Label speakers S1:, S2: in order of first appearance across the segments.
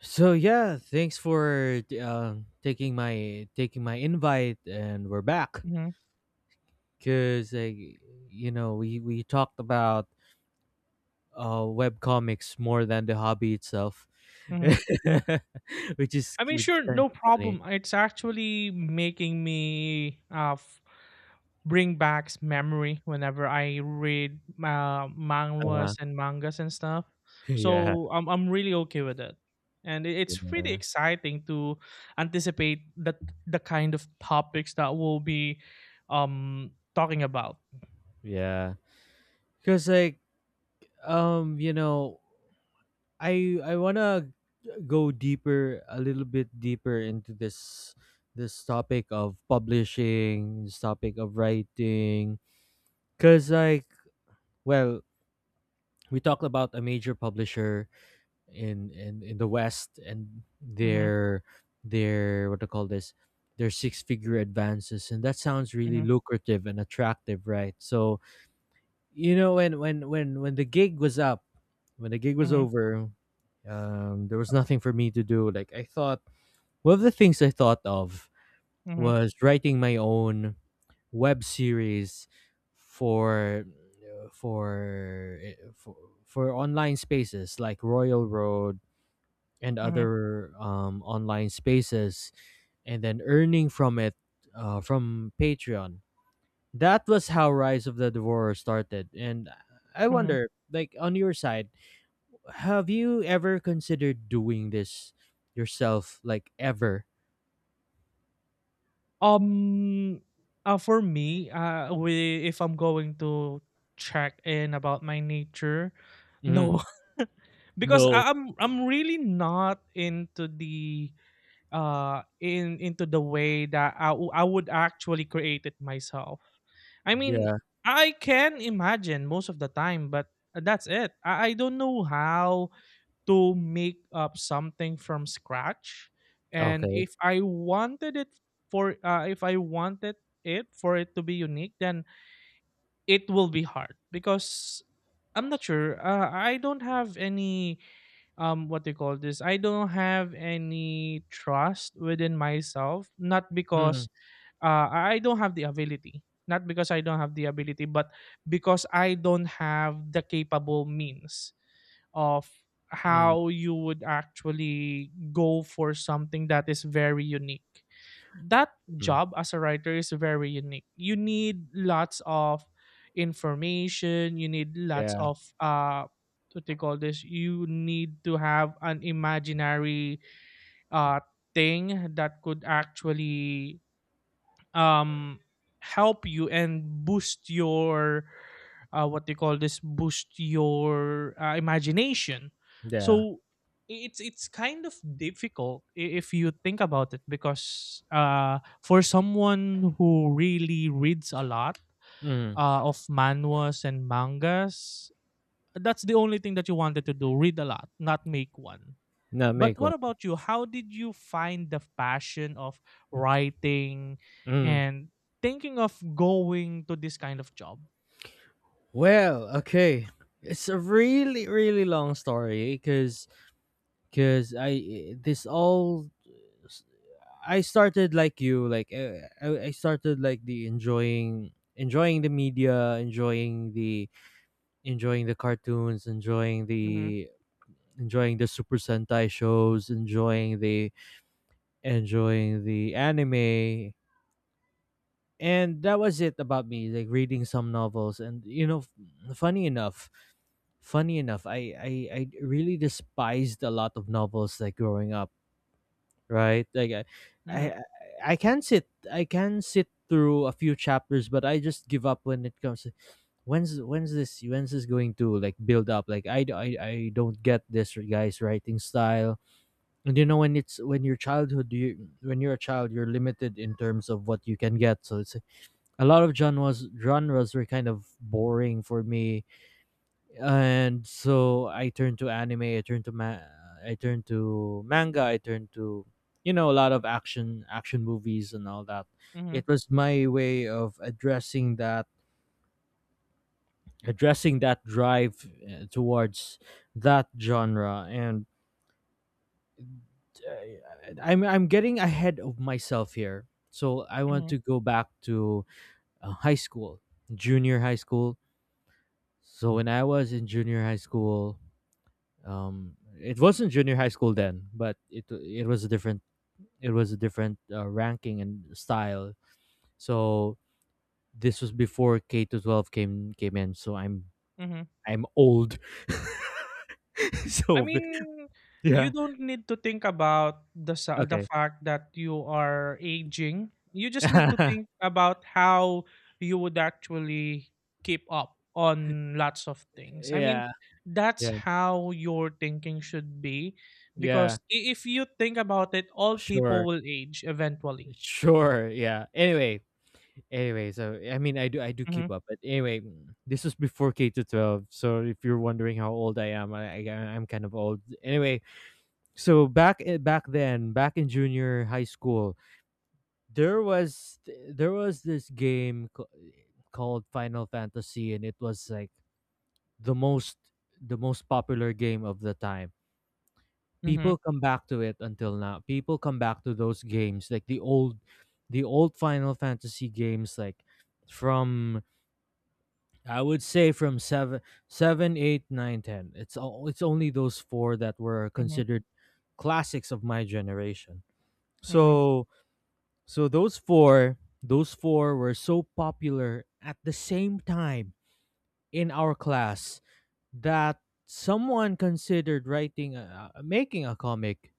S1: So yeah, thanks for taking my invite, and we're back,
S2: Mhm,
S1: because like we talked about web comics more than the hobby itself,
S2: mhm.
S1: which is
S2: I mean,
S1: which is
S2: sure,
S1: kind
S2: no
S1: of funny.
S2: problem. It's actually making me bring back memory whenever I read
S1: Uh,
S2: manhwas and mangas and stuff.
S1: yeah,
S2: So I'm really okay with it, and it's really
S1: yeah,
S2: exciting to anticipate that the kind of topics that we'll be talking about.
S1: yeah. Because like, um you know. I wanna go deeper, a little bit deeper, into this topic of publishing, this topic of writing, cause like, well, we talked about a major publisher in the West and
S2: Mm-hmm,
S1: their what to call this, their six figure advances, and that sounds really
S2: mm-hmm,
S1: lucrative and attractive, right? So, when the gig was up, when the gig was
S2: mm-hmm,
S1: over, there was nothing for me to do. Like, I thought, one of the things I thought of
S2: mm-hmm,
S1: was writing my own web series for uh, for uh, for, for online spaces like Royal Road and
S2: mm-hmm.
S1: other online spaces, and then earning from it, from Patreon. That was how Rise of the Devourer started, and I
S2: Mm-hmm.
S1: wonder, like, on your side, have you ever considered doing this yourself, like, ever?
S2: Um, for me, if I'm going to check in about my nature,
S1: Hmm.
S2: no, because
S1: No.
S2: I'm really not into the in into the way that I would actually create it myself. I mean,
S1: Yeah.
S2: I can imagine most of the time, but that's it. I don't know how to make up something from scratch. And
S1: Okay.
S2: if I wanted it for if I wanted it for it to be unique, then it will be hard because I'm not sure, I don't have any, what do you call this I don't have any trust within myself. Not
S1: Mm,
S2: because I don't have the ability not because I don't have the ability, but because I don't have the capable means of
S1: mm,
S2: how you would actually go for something that is very unique. That
S1: mm.
S2: job as a writer is very unique. You need lots of information, you need lots
S1: Yeah.
S2: of what they call this, you need to have an imaginary uh thing that could actually um help you and boost your what they call this boost your imagination.
S1: Yeah.
S2: So it's kind of difficult, if you think about it, because for someone who really reads a lot
S1: Mm.
S2: of manhwas and mangas, that's the only thing that you wanted to do, read a lot, not make one.
S1: No,
S2: But
S1: make
S2: what
S1: one.
S2: about you? How did you find the passion of writing
S1: Mm.
S2: and thinking of going to this kind of job?
S1: Well, okay. It's a really, really long story, because I this all I started like you, like, I started like the enjoying enjoying the media, enjoying the cartoons, enjoying
S2: Mm-hmm.
S1: the enjoying the Super Sentai shows, enjoying the anime, and that was it about me. Like, reading some novels, and, funny enough, I really despised a lot of novels like growing up, right? Like,
S2: Mm-hmm.
S1: I, I can sit through a few chapters, but I just give up when it comes to. When's this? When's this going to, like, build up? Like, I don't get this guy's writing style. And when you're a child, you're limited in terms of what you can get. So, it's a lot of genres were kind of boring for me, and so I turned to anime, I turned to manga, I turned to, a lot of action movies and all that.
S2: Mm-hmm.
S1: It was my way of addressing that drive, towards that genre, and I'm getting ahead of myself here. So I want
S2: Mm-hmm.
S1: to go back to high school, junior high school. So when I was in junior high school, it wasn't junior high school then, but it was a different, ranking and style, so this was before K to 12 came in, so I'm
S2: Mm-hmm.
S1: I'm old.
S2: I
S1: So
S2: mean, you
S1: yeah.
S2: don't need to think about the
S1: Okay.
S2: fact that you are aging. You just need to think about how you would actually keep up on lots of things. I mean,
S1: Yeah,
S2: that's
S1: yeah,
S2: how your thinking should be,
S1: yeah.
S2: because if you think about it, all people
S1: Sure,
S2: will age eventually.
S1: sure. Yeah. Anyway, anyway, so I mean, I do
S2: Mhm.
S1: keep up, but anyway, this was before K to 12, so if you're wondering how old I am, I'm kind of old. Anyway, so back I- back then back in junior high school, there was, this game called Final Fantasy, and it was like the most the most popular game of the time. People
S2: Mhm.
S1: come back to it until now. People come back to those games, like the old Final Fantasy games, like, from I would say, from eight, nine, 10. It's only those four that were
S2: Mhm.
S1: considered classics of my generation.
S2: Mhm.
S1: So, so those four were so popular at the same time in our class that someone considered making a comic.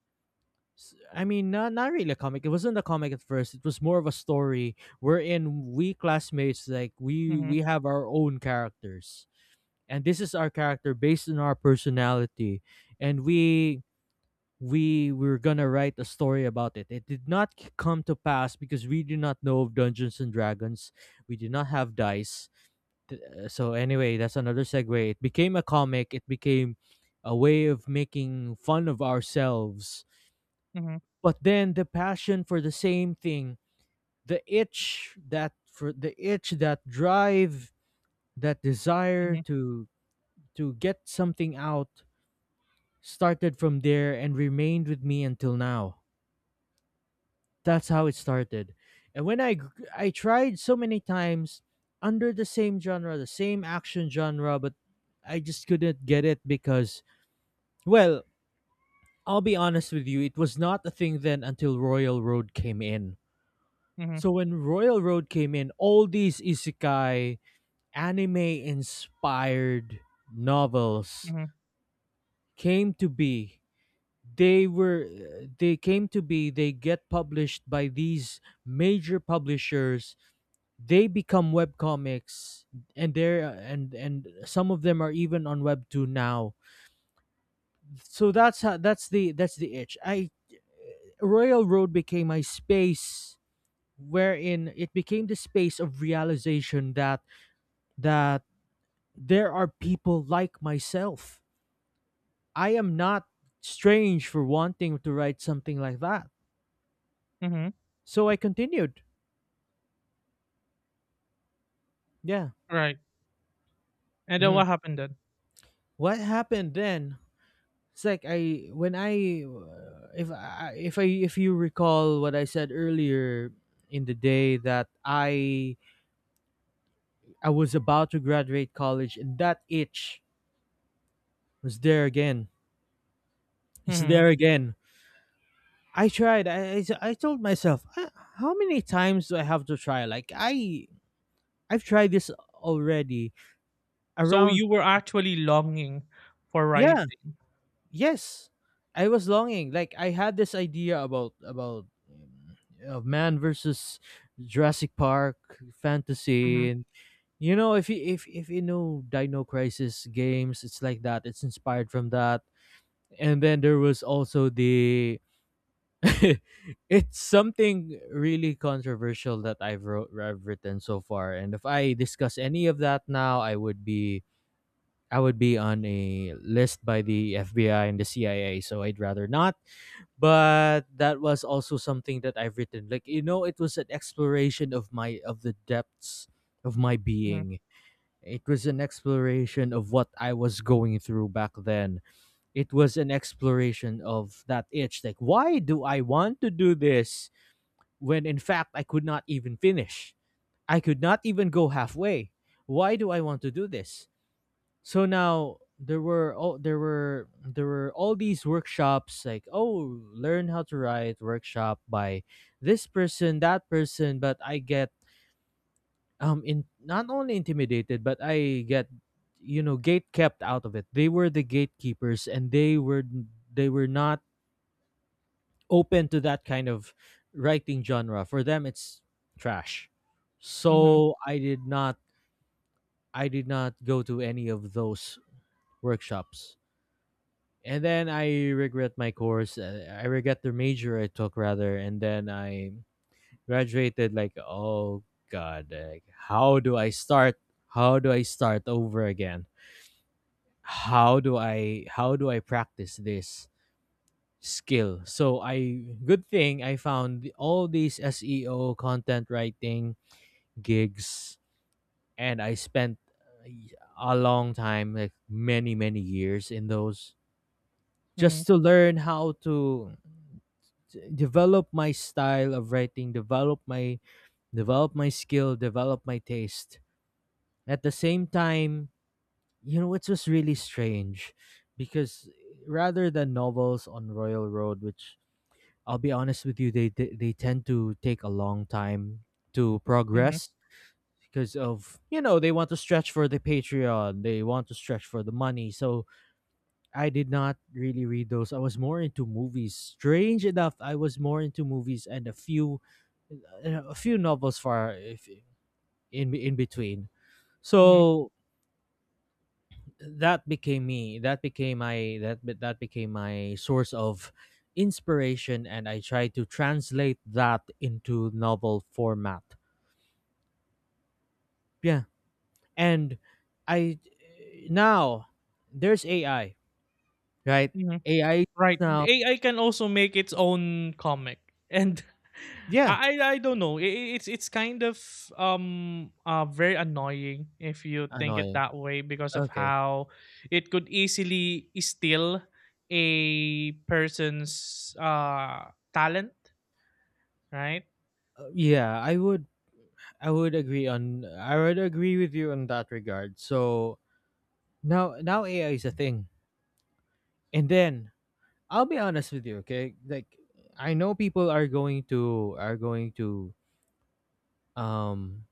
S1: I mean, not really a comic. It wasn't a comic at first. It was more of a story, wherein we classmates, like, we
S2: Mhm.
S1: we have our own characters, and this is our character based on our personality, and we were gonna write a story about it. It did not come to pass, because we did not know of Dungeons and Dragons. We did not have dice. So anyway, that's another segue. It became a comic. It became a way of making fun of ourselves.
S2: Mhm.
S1: But then, the passion for the same thing, the itch that for the itch that drive, that desire
S2: Mhm.
S1: to get something out, started from there and remained with me until now. That's how it started. And I tried so many times under the same genre, the same action genre, but I just couldn't get it because, well, I'll be honest with you, it was not a thing then, until Royal Road came in.
S2: Mhm.
S1: So when Royal Road came in, all these isekai anime inspired novels
S2: Mhm.
S1: came to be. They were they came to be, they get published by these major publishers, they become web comics, and they're and some of them are even on Webtoon now. So that's the itch. I Royal Road became my space, wherein it became the space of realization that there are people like myself. I am not strange for wanting to write something like that,
S2: Mhm.
S1: so I continued. Yeah.
S2: Right. And then
S1: Hmm.
S2: what happened then?
S1: What happened then? It's like, I when I if I if I if you recall what I said earlier in the day, that I was about to graduate college, and that itch was there again. It's there
S2: Mhm.
S1: again. I tried. I told myself, "Ah, how many times do I have to try? Like, I've tried this already,
S2: So
S1: around.
S2: you were actually longing for
S1: Yeah.
S2: writing.
S1: Yes, I was longing. Like, I had this idea about man versus Jurassic Park
S2: Mhm,
S1: fantasy, and, if you know Dino Crisis games, it's like that, it's inspired from that. And then, there was also the it's something really controversial that I've written so far, and if I discuss any of that now, I would be on a list by the FBI and the CIA, so I'd rather not. But that was also something that I've written. Like, it was an exploration of my of the depths of my
S2: mhm,
S1: being. It was an exploration of what I was going through back then. It was an exploration of that itch. Like, why do I want to do this when in fact I could not even finish? I could not even go halfway. Why do I want to do this? So now, there were all these workshops, like, oh, learn how to write workshop by this person, that person, but I get, in not only intimidated, but I get, gate kept out of it. They were the gatekeepers, and they were not open to that kind of writing genre. For them, it's trash.
S2: mhm,
S1: So I did not go to any of those workshops. And then I regret my course. I regret the major I took, rather, and then I graduated, like, oh god, like, how do I start? How do I start over again? How do I practice this skill? So, I good thing I found all these SEO content writing gigs, and I spent uh, a long time, like, many many years in those,
S2: mhm,
S1: just to learn how to, develop my style of writing, develop my skill, develop my taste. At the same time, it's just really strange, because rather than novels on Royal Road, which, I'll be honest with you, they tend to take a long time to
S2: mhm,
S1: progress, because of you know they want to stretch for the Patreon, they want to stretch for the money. So, I did not really read those. I was more into movies. Strange enough, I was more into movies and a few novels far if in in between.
S2: mhm,
S1: So, that became me. That became my source of inspiration, and I tried to translate that into novel format. Yeah, and I now there's AI, right?
S2: mhm.
S1: AI is
S2: Right.
S1: now,
S2: AI can also make its own comic, and
S1: yeah,
S2: I don't know. It's kind of very annoying if you think it
S1: annoying.
S2: that way, because of
S1: Okay.
S2: how it could easily steal a person's talent, right?
S1: Yeah, I would agree with you on that regard. So now AI is a thing. And then, I'll be honest with you, okay? Like, I know people are going to um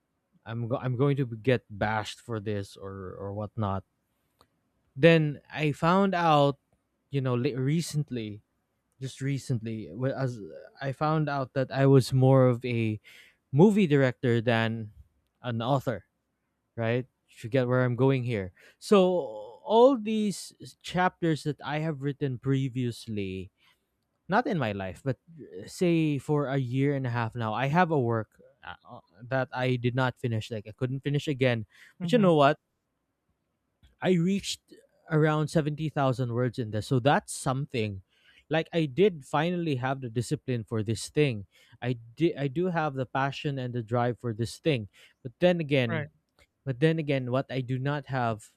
S1: I'm going to get bashed for this or whatnot. Then I found out, recently, just recently, wh- as I found out that I was more of a movie director than an author, right? You get where I'm going here. So all these chapters that I have written previously, not in my life, but, say for a year and a half now, I have a work, that I did not finish. Like, I couldn't finish again. But you
S2: Mm-hmm.
S1: know what? I reached around 70,000 words in this, so that's something. Like I did finally have the discipline for this thing. I did. I do have the passion and the drive for this thing. But then again,
S2: Right.
S1: but then again, what I do not have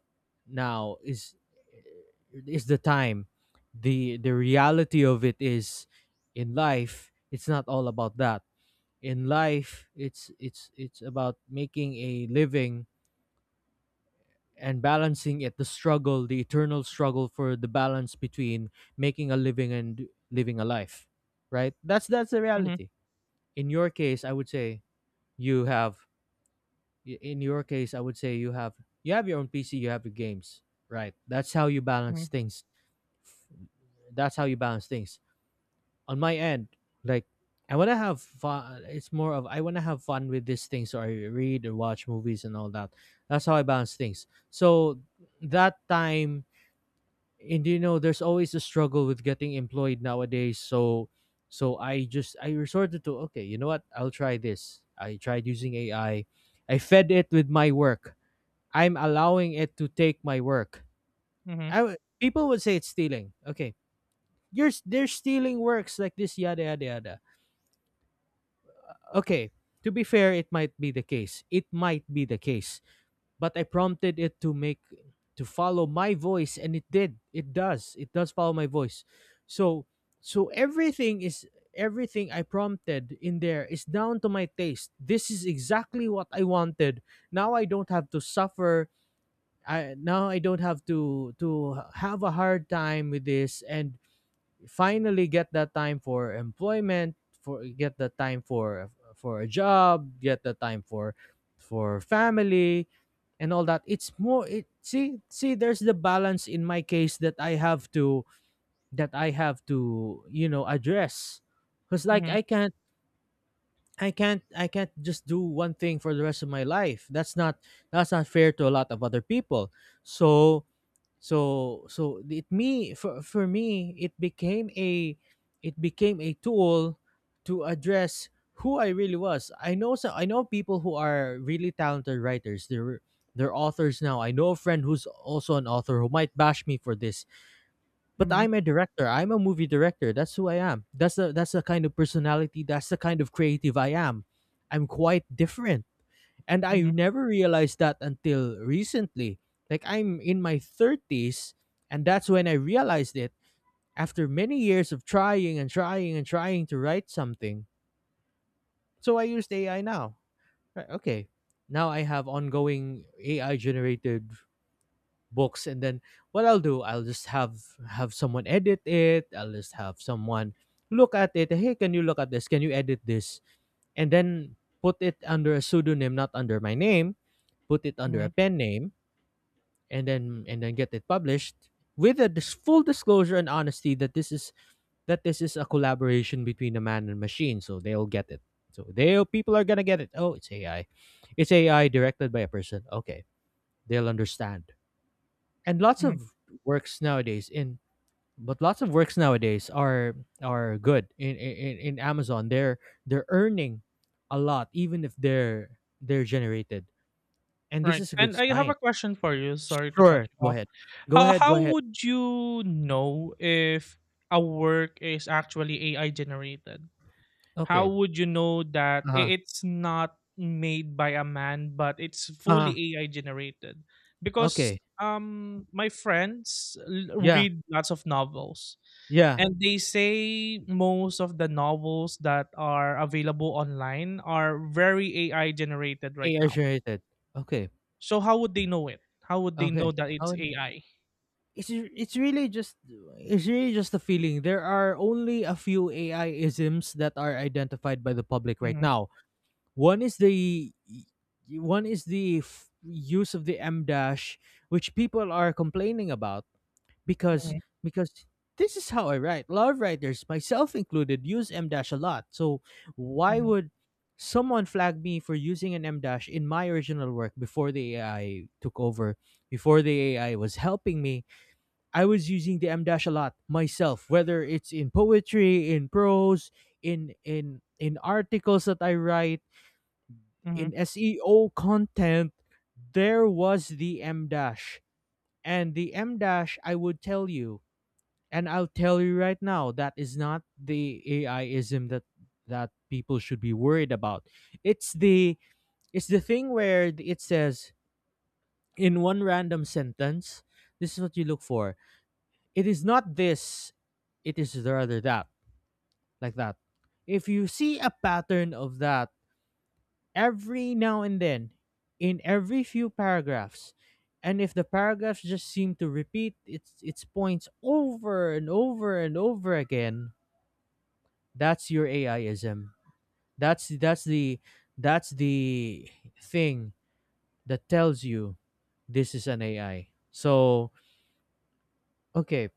S1: now is the time. The reality of it is in life it's not all about that. In life it's about making a living and balancing it, the struggle, the eternal struggle for the balance between making a living and living a life. Right? That's the
S2: Mm-hmm.
S1: reality. In your case, I would say you have y- in your case I would say you have your own PC, you have your games, right? That's how you
S2: Mm-hmm.
S1: balance things. That's how you balance things. On my end, like, I want to have fun. It's more of I want to have fun with these things, or I read or watch movies and all that. That's how I balance things. So that time, and you know there's always a struggle with getting employed nowadays, so so I just I resorted to, okay, you know what, I'll try this. I tried using AI. I fed it with my work. I'm allowing it to take my work. People would say it's stealing. Okay, they're stealing works like this, yada yada yada. Okay, to be fair, it might be the case. It might be the case, but I prompted it to make to follow my voice, and it did. It does. It does follow my voice. So so everything I prompted in there is down to my taste. This is exactly what I wanted. Now I don't have to suffer. I now I don't have to have a hard time with this, and finally get that time for employment, for get the time for a job, get the time for family and all that. It's more it, see, there's the balance in my case that I have to, you know, address, cuz like
S2: Mm-hmm.
S1: I can't, I can't just do one thing for the rest of my life. That's not fair to a lot of other people. So so so it me for me it became a, it became a tool to address who I really was. I know people who are really talented writers. They're authors now. I know a friend who's also an author who might bash me for this, but I'm a director. I'm a movie director. That's who I am. That's the kind of personality. That's the kind of creative I am. I'm quite different, and I
S2: Mm-hmm.
S1: never realized that until recently. Like, I'm in my 30s, and that's when I realized it, after many years of trying and trying and trying to write something. So I used AI now. Right, okay. Now I have ongoing AI generated books, and then what I'll do, I'll just have someone edit it. I'll just have someone look at it. Hey, can you look at this? Can you edit this? And then put it under a pseudonym, not under my name, put it under
S2: Hmm.
S1: a pen name, and then get it published with a full disclosure and honesty that this is, that this is a collaboration between a man and machine. So they'll get it, so they'll people are gonna get it. Oh, it's AI, it's AI directed by a person. Okay, they'll understand. And lots
S2: Hmm.
S1: of works nowadays in, but lots of works nowadays are good in Amazon. They're earning a lot, even if they're, they're generated, and this
S2: Right.
S1: is a good
S2: And I have a
S1: sign.
S2: question for you. Sorry to cut
S1: Sure,
S2: you
S1: go
S2: off.
S1: ahead. go
S2: How
S1: ahead go
S2: how
S1: ahead
S2: would you know if a work is actually AI generated? How
S1: Okay.
S2: would you know that
S1: Uh-huh,
S2: it's not made by a man but it's
S1: uh-huh,
S2: fully AI generated? Because
S1: okay,
S2: my friends
S1: yeah,
S2: read lots of novels,
S1: yeah,
S2: and they say most of the novels that are available online are very AI generated right
S1: AI
S2: now.
S1: generated. Okay,
S2: So how would they know it? How would they
S1: okay.
S2: know that
S1: Oh,
S2: it's
S1: n-
S2: AI?
S1: it's really just, a feeling. There are only a few AI isms that are identified by the public right
S2: Mhm,
S1: now. One is the One is the use of the M dash, which people are complaining about. because
S2: mhm,
S1: because this is how I write. A lot of writers, myself included, use M dash a lot. So why
S2: mhm,
S1: would someone flag me for using an M dash in my original work before the AI took over, before the AI was helping me? I was using the M dash a lot myself, whether it's in poetry, in prose, in articles that I write,
S2: mhm,
S1: in SEO content, there was the M dash. And the M dash, I would tell you, and I'll tell you right now, that is not the AIism that people should be worried about. It's the it's the thing where it says, in one random sentence, this is what you look for. It is not this, it is rather that, like that. If you see a pattern of that every now and then, in every few paragraphs, and if the paragraphs just seem to repeat its points over and over and over again, that's your AIism. That's that's the that's the thing that tells you this is an AI. So okay,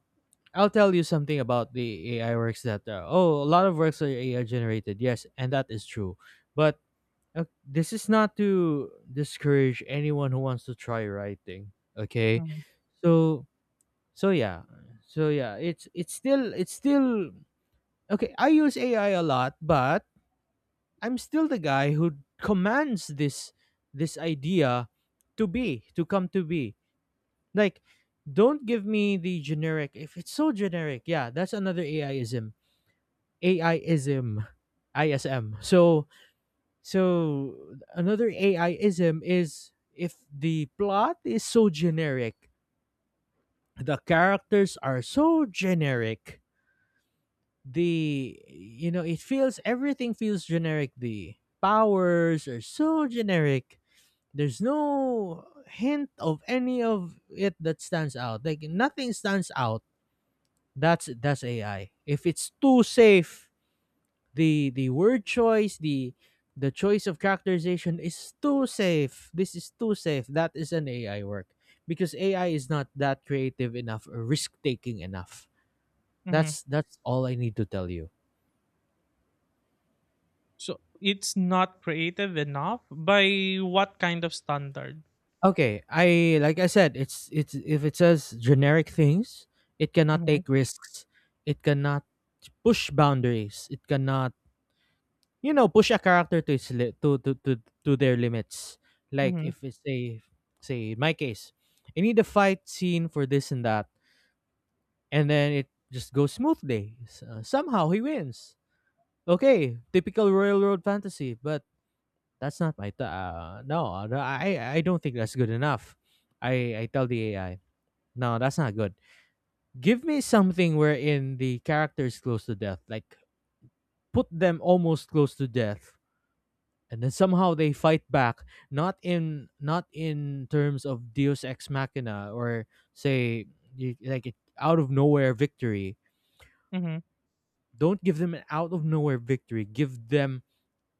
S1: I'll tell you something about the AI works that oh, a lot of works are AI generated. Yes, and that is true. But this is not to discourage anyone who wants to try writing. Okay,
S2: mhm,
S1: so so yeah, so yeah, it's still, okay. I use AI a lot, but I'm still the guy who commands this, idea to be, to come to be. Like, don't give me the generic. If it's so generic, yeah, that's another AIism. AIism, ISM. So so another AIism is if the plot is so generic, the characters are so generic. The you know it feels, everything feels generic. The powers are so generic. There's no hint of any of it that stands out. Like, nothing stands out. That's AI. If it's too safe, the word choice, the choice of characterization is too safe. This is too safe. That is an AI work, because AI is not that creative enough or risk taking enough.
S2: mhm.
S1: That's all I need to tell you.
S2: So it's not creative enough by what kind of standard?
S1: Okay, I like I said, it's if it says generic things, it cannot
S2: Mhm,
S1: take risks. It cannot push boundaries. It cannot, you know, push a character to its to their limits. Like,
S2: mhm,
S1: if it's a, say in my case, I need a fight scene for this and that, and then it just goes smoothly. Somehow he wins. Okay, typical railroad fantasy, but that's not my no. No, I don't think that's good enough. I tell the AI no, that's not good. Give me something wherein the character is close to death, like put them almost close to death, and then somehow they fight back. Not in, terms of deus ex machina or, say, you, like it, out of nowhere victory.
S2: mhm.
S1: Don't give them an out of nowhere victory. Give them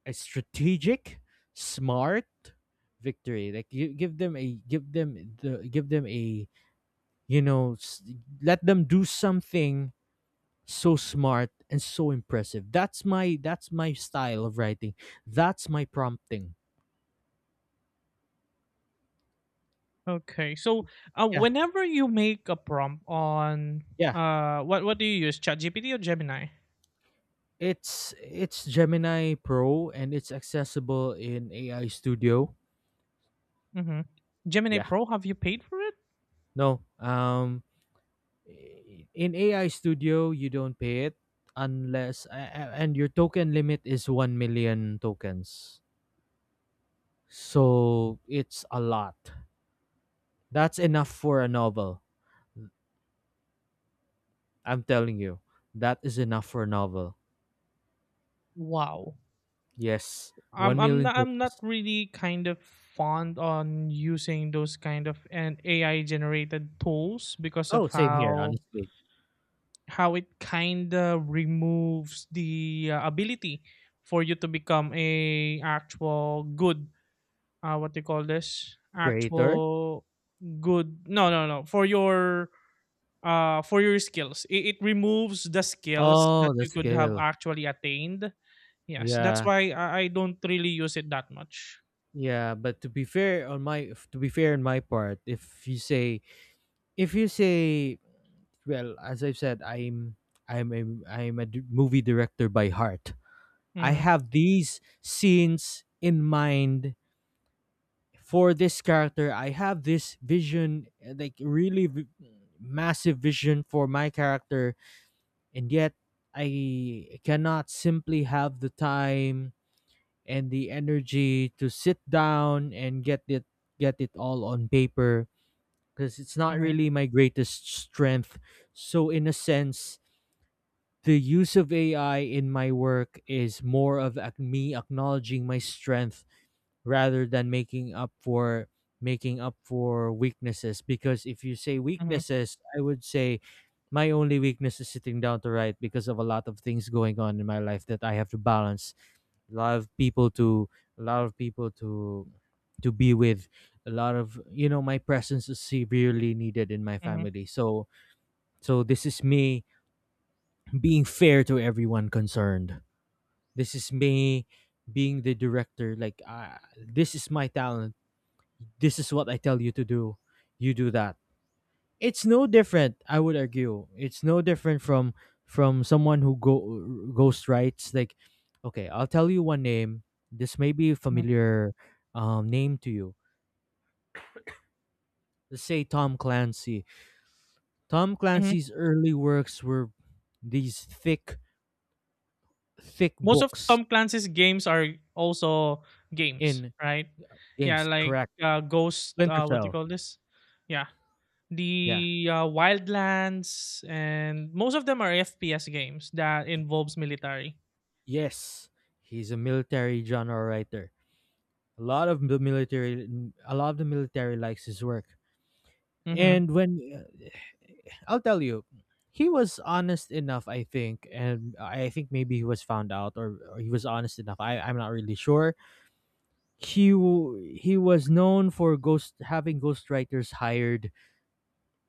S1: a strategic, smart victory. Like, you give them a, give them a, you know, let them do something so smart and so impressive. That's my, that's my style of writing, that's my prompting.
S2: Okay. So
S1: Yeah,
S2: whenever you make a prompt on
S1: yeah.
S2: what do you use? ChatGPT or Gemini?
S1: It's Gemini Pro, and it's accessible in AI Studio.
S2: Mhm. Gemini
S1: Yeah.
S2: Pro, have you paid for it?
S1: No. Um, in AI Studio you don't pay it unless and your token limit is 1 million tokens. So it's a lot. That's enough for a novel. I'm telling you. That is enough for a novel.
S2: Wow.
S1: Yes. 1 million
S2: I'm not
S1: tokens.
S2: really kind of fond on using those kind of an AI generated tools, because
S1: Oh,
S2: of
S1: same here,
S2: how
S1: honestly.
S2: it kind of removes the ability for you to become a actual good, what do you call this
S1: Creator.
S2: actual good no no no for your for your skills. It removes the skills that
S1: Oh, the
S2: you could have
S1: scale.
S2: actually attained. Yes, that's
S1: Yeah.
S2: why I don't really use it that much.
S1: Yeah, but to be fair on my, to be fair on my part, if you say, if you say well, as I've said, I'm a, I'm a movie director by heart. I
S2: Mm-hmm,
S1: have these scenes in mind for this character. I have this vision, like really massive vision for my character, and yet I cannot simply have the time and the energy to sit down and get it all on paper because it's not
S2: mm-hmm,
S1: really my greatest strength. So in a sense, the use of AI in my work is more of me acknowledging my strength rather than making up for weaknesses. Because if you say
S2: mm-hmm,
S1: weaknesses, I would say my only weakness is sitting down to write, because of a lot of things going on in my life that I have to balance. a lot of people to a lot of people to be with. A lot of, my presence is severely needed in my
S2: mm-hmm,
S1: family, so this is me being fair to everyone concerned. This is me being the director. Like, this is my talent, this is what I tell you to do, you do that. It's no different. I would argue it's no different from someone who go ghost writes. Like, okay, I'll tell you one name. This may be a
S2: mm-hmm,
S1: familiar name to you. Let's say Tom Clancy. Tom
S2: hmm.
S1: Clancy's early works were these thick
S2: Most of
S1: books.
S2: Tom Clancy's games are also games,
S1: In
S2: right? Yeah,
S1: games,
S2: like
S1: correct.
S2: ghost
S1: Splinter
S2: what do you
S1: Cell.
S2: call this yeah,
S1: Yeah.
S2: the Wildlands, and most of them are FPS games that involves military.
S1: Yes, he's a military genre writer. a lot of the military a lot of the military likes his work.
S2: Mm-hmm,
S1: And when, I'll tell you, he was honest enough, I think, and I think maybe he was found out, or he was honest enough. I'm not really sure. He was known for ghost having ghostwriters hired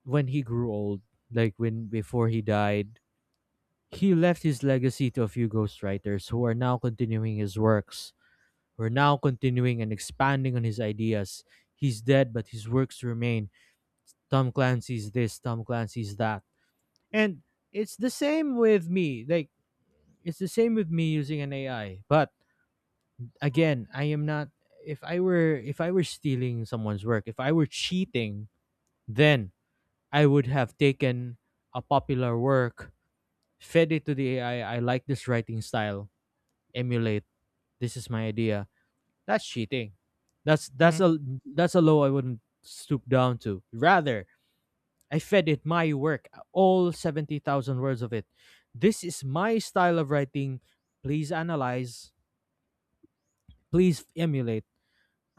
S1: when he grew old, like when before he died. He left his legacy to a few ghostwriters who are now continuing his works. Who are now continuing and expanding on his ideas. He's dead, but his works remain. Tom Clancy's this, Tom Clancy's that. And it's the same with me. Like, it's the same with me using an AI. But again, I am not, if I were stealing someone's work, if I were cheating, then I would have taken a popular work, fed it to the AI, I like this writing style, emulate, this is my idea. That's cheating. That's
S2: mm-hmm,
S1: that's a that's a low I wouldn't stoop down to. Rather, I fed it my work, all 70,000 words of it. This is my style of writing. Please analyze, please emulate.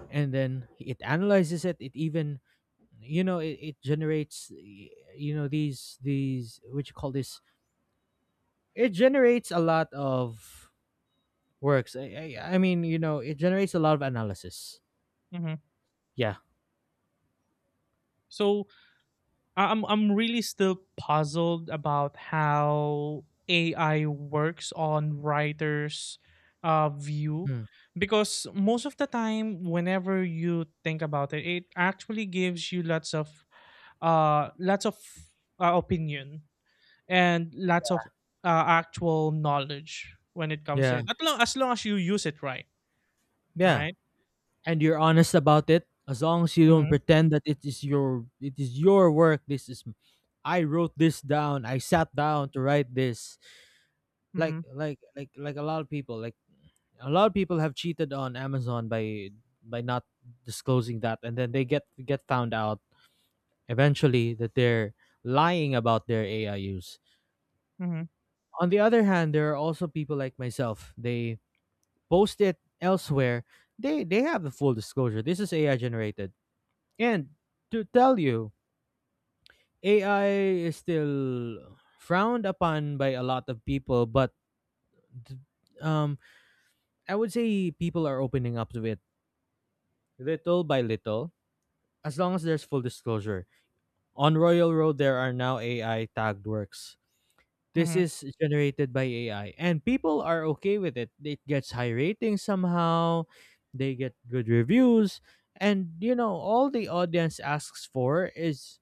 S1: And then it analyzes it. It even, you know, it generates you know these what you call this, it generates a lot of works. I mean, you know, it generates a lot of analysis.
S2: mm-hmm.
S1: Yeah.
S2: So I'm really still puzzled about how AI works on writers' view,
S1: Mm.
S2: because most of the time, whenever you think about it, it actually gives you lots of, uh lots of opinion, and lots of actual knowledge when it comes to
S1: Yeah.
S2: it. As long as, long as you use it right,
S1: Yeah,
S2: right?
S1: and you're honest about it. As long as you don't
S2: Mm-hmm,
S1: pretend that it is your work. I wrote this down, I sat down to write this.
S2: mm-hmm,
S1: Like a lot of people, like a lot of people have cheated on Amazon by not disclosing that, and then they get found out eventually, that they're lying about their AI use.
S2: mm-hmm,
S1: On the other hand, there are also people like myself. They post it elsewhere. They have the full disclosure. This is AI generated, and to tell you, AI is still frowned upon by a lot of people, but um, I would say people are opening up to it little by little, as long as there's full disclosure. On Royal Road, there are now AI tagged works. This
S2: mm-hmm,
S1: is generated by AI, and people are okay with it. It gets high ratings somehow, they get good reviews, and you know all the audience asks for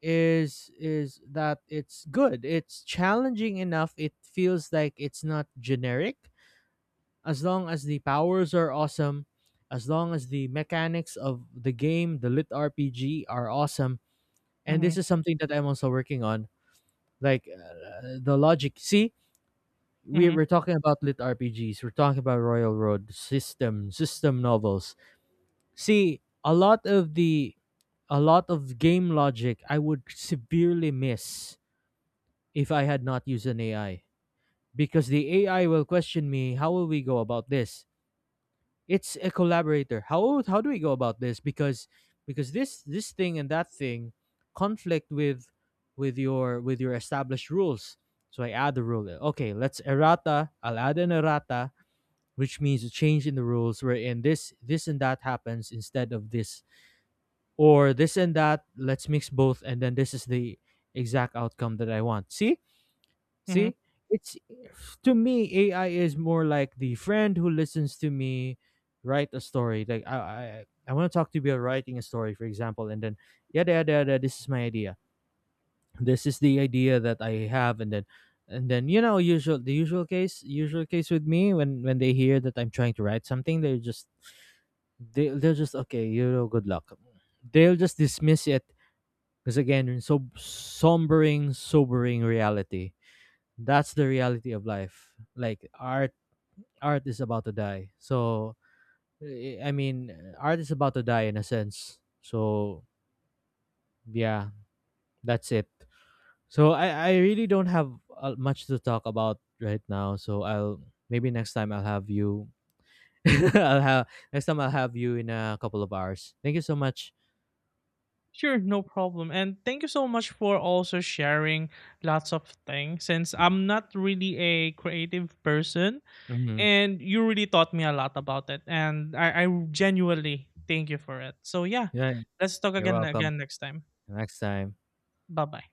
S1: is that it's good. It's challenging enough. It feels like it's not generic. As long as the powers are awesome, as long as the mechanics of the game, the lit RPG, are awesome. And
S2: mm-hmm,
S1: this is something that I'm also working on. Like, the logic. See,
S2: mm-hmm,
S1: we're talking about lit RPGs. We're talking about Royal Road system novels. See, a lot of the, a lot of game logic I would severely miss if I had not used an AI, because the AI will question me. How will we go about this? It's a collaborator. How do we go about this? Because this this thing and that thing conflict with with your established rules. So I add the rule, okay, let's errata, I'll add an errata, which means a change in the rules, wherein this this and that happens instead of this, or this and that, let's mix both, and then this is the exact outcome that I want.
S2: mm-hmm.
S1: See, it's, to me AI is more like the friend who listens to me write a story. Like I want to talk to you about writing a story, for example, and then yada yada yada. This is my idea. This is the idea that I have. And then, you know, usual the usual case, with me, when they hear that I'm trying to write something, they're just, they'll just, okay, you know, good luck. They'll just dismiss it because again, it's so sobering reality. That's the reality of life. Like art, art is about to die, so, eh, I mean, art is about to die in a sense, so yeah, that's it. So I really don't have much to talk about right now, so I'll, maybe next time I'll have you, I'll have, next time I'll have you in a couple of hours. Thank you so much.
S2: Sure, no problem. And thank you so much for also sharing lots of things, since I'm not really a creative person,
S1: Hmm.
S2: and you really taught me a lot about it, and I genuinely thank you for it. So yeah,
S1: Yeah.
S2: let's talk
S1: You're welcome.
S2: again next time.
S1: Next time.
S2: Bye bye.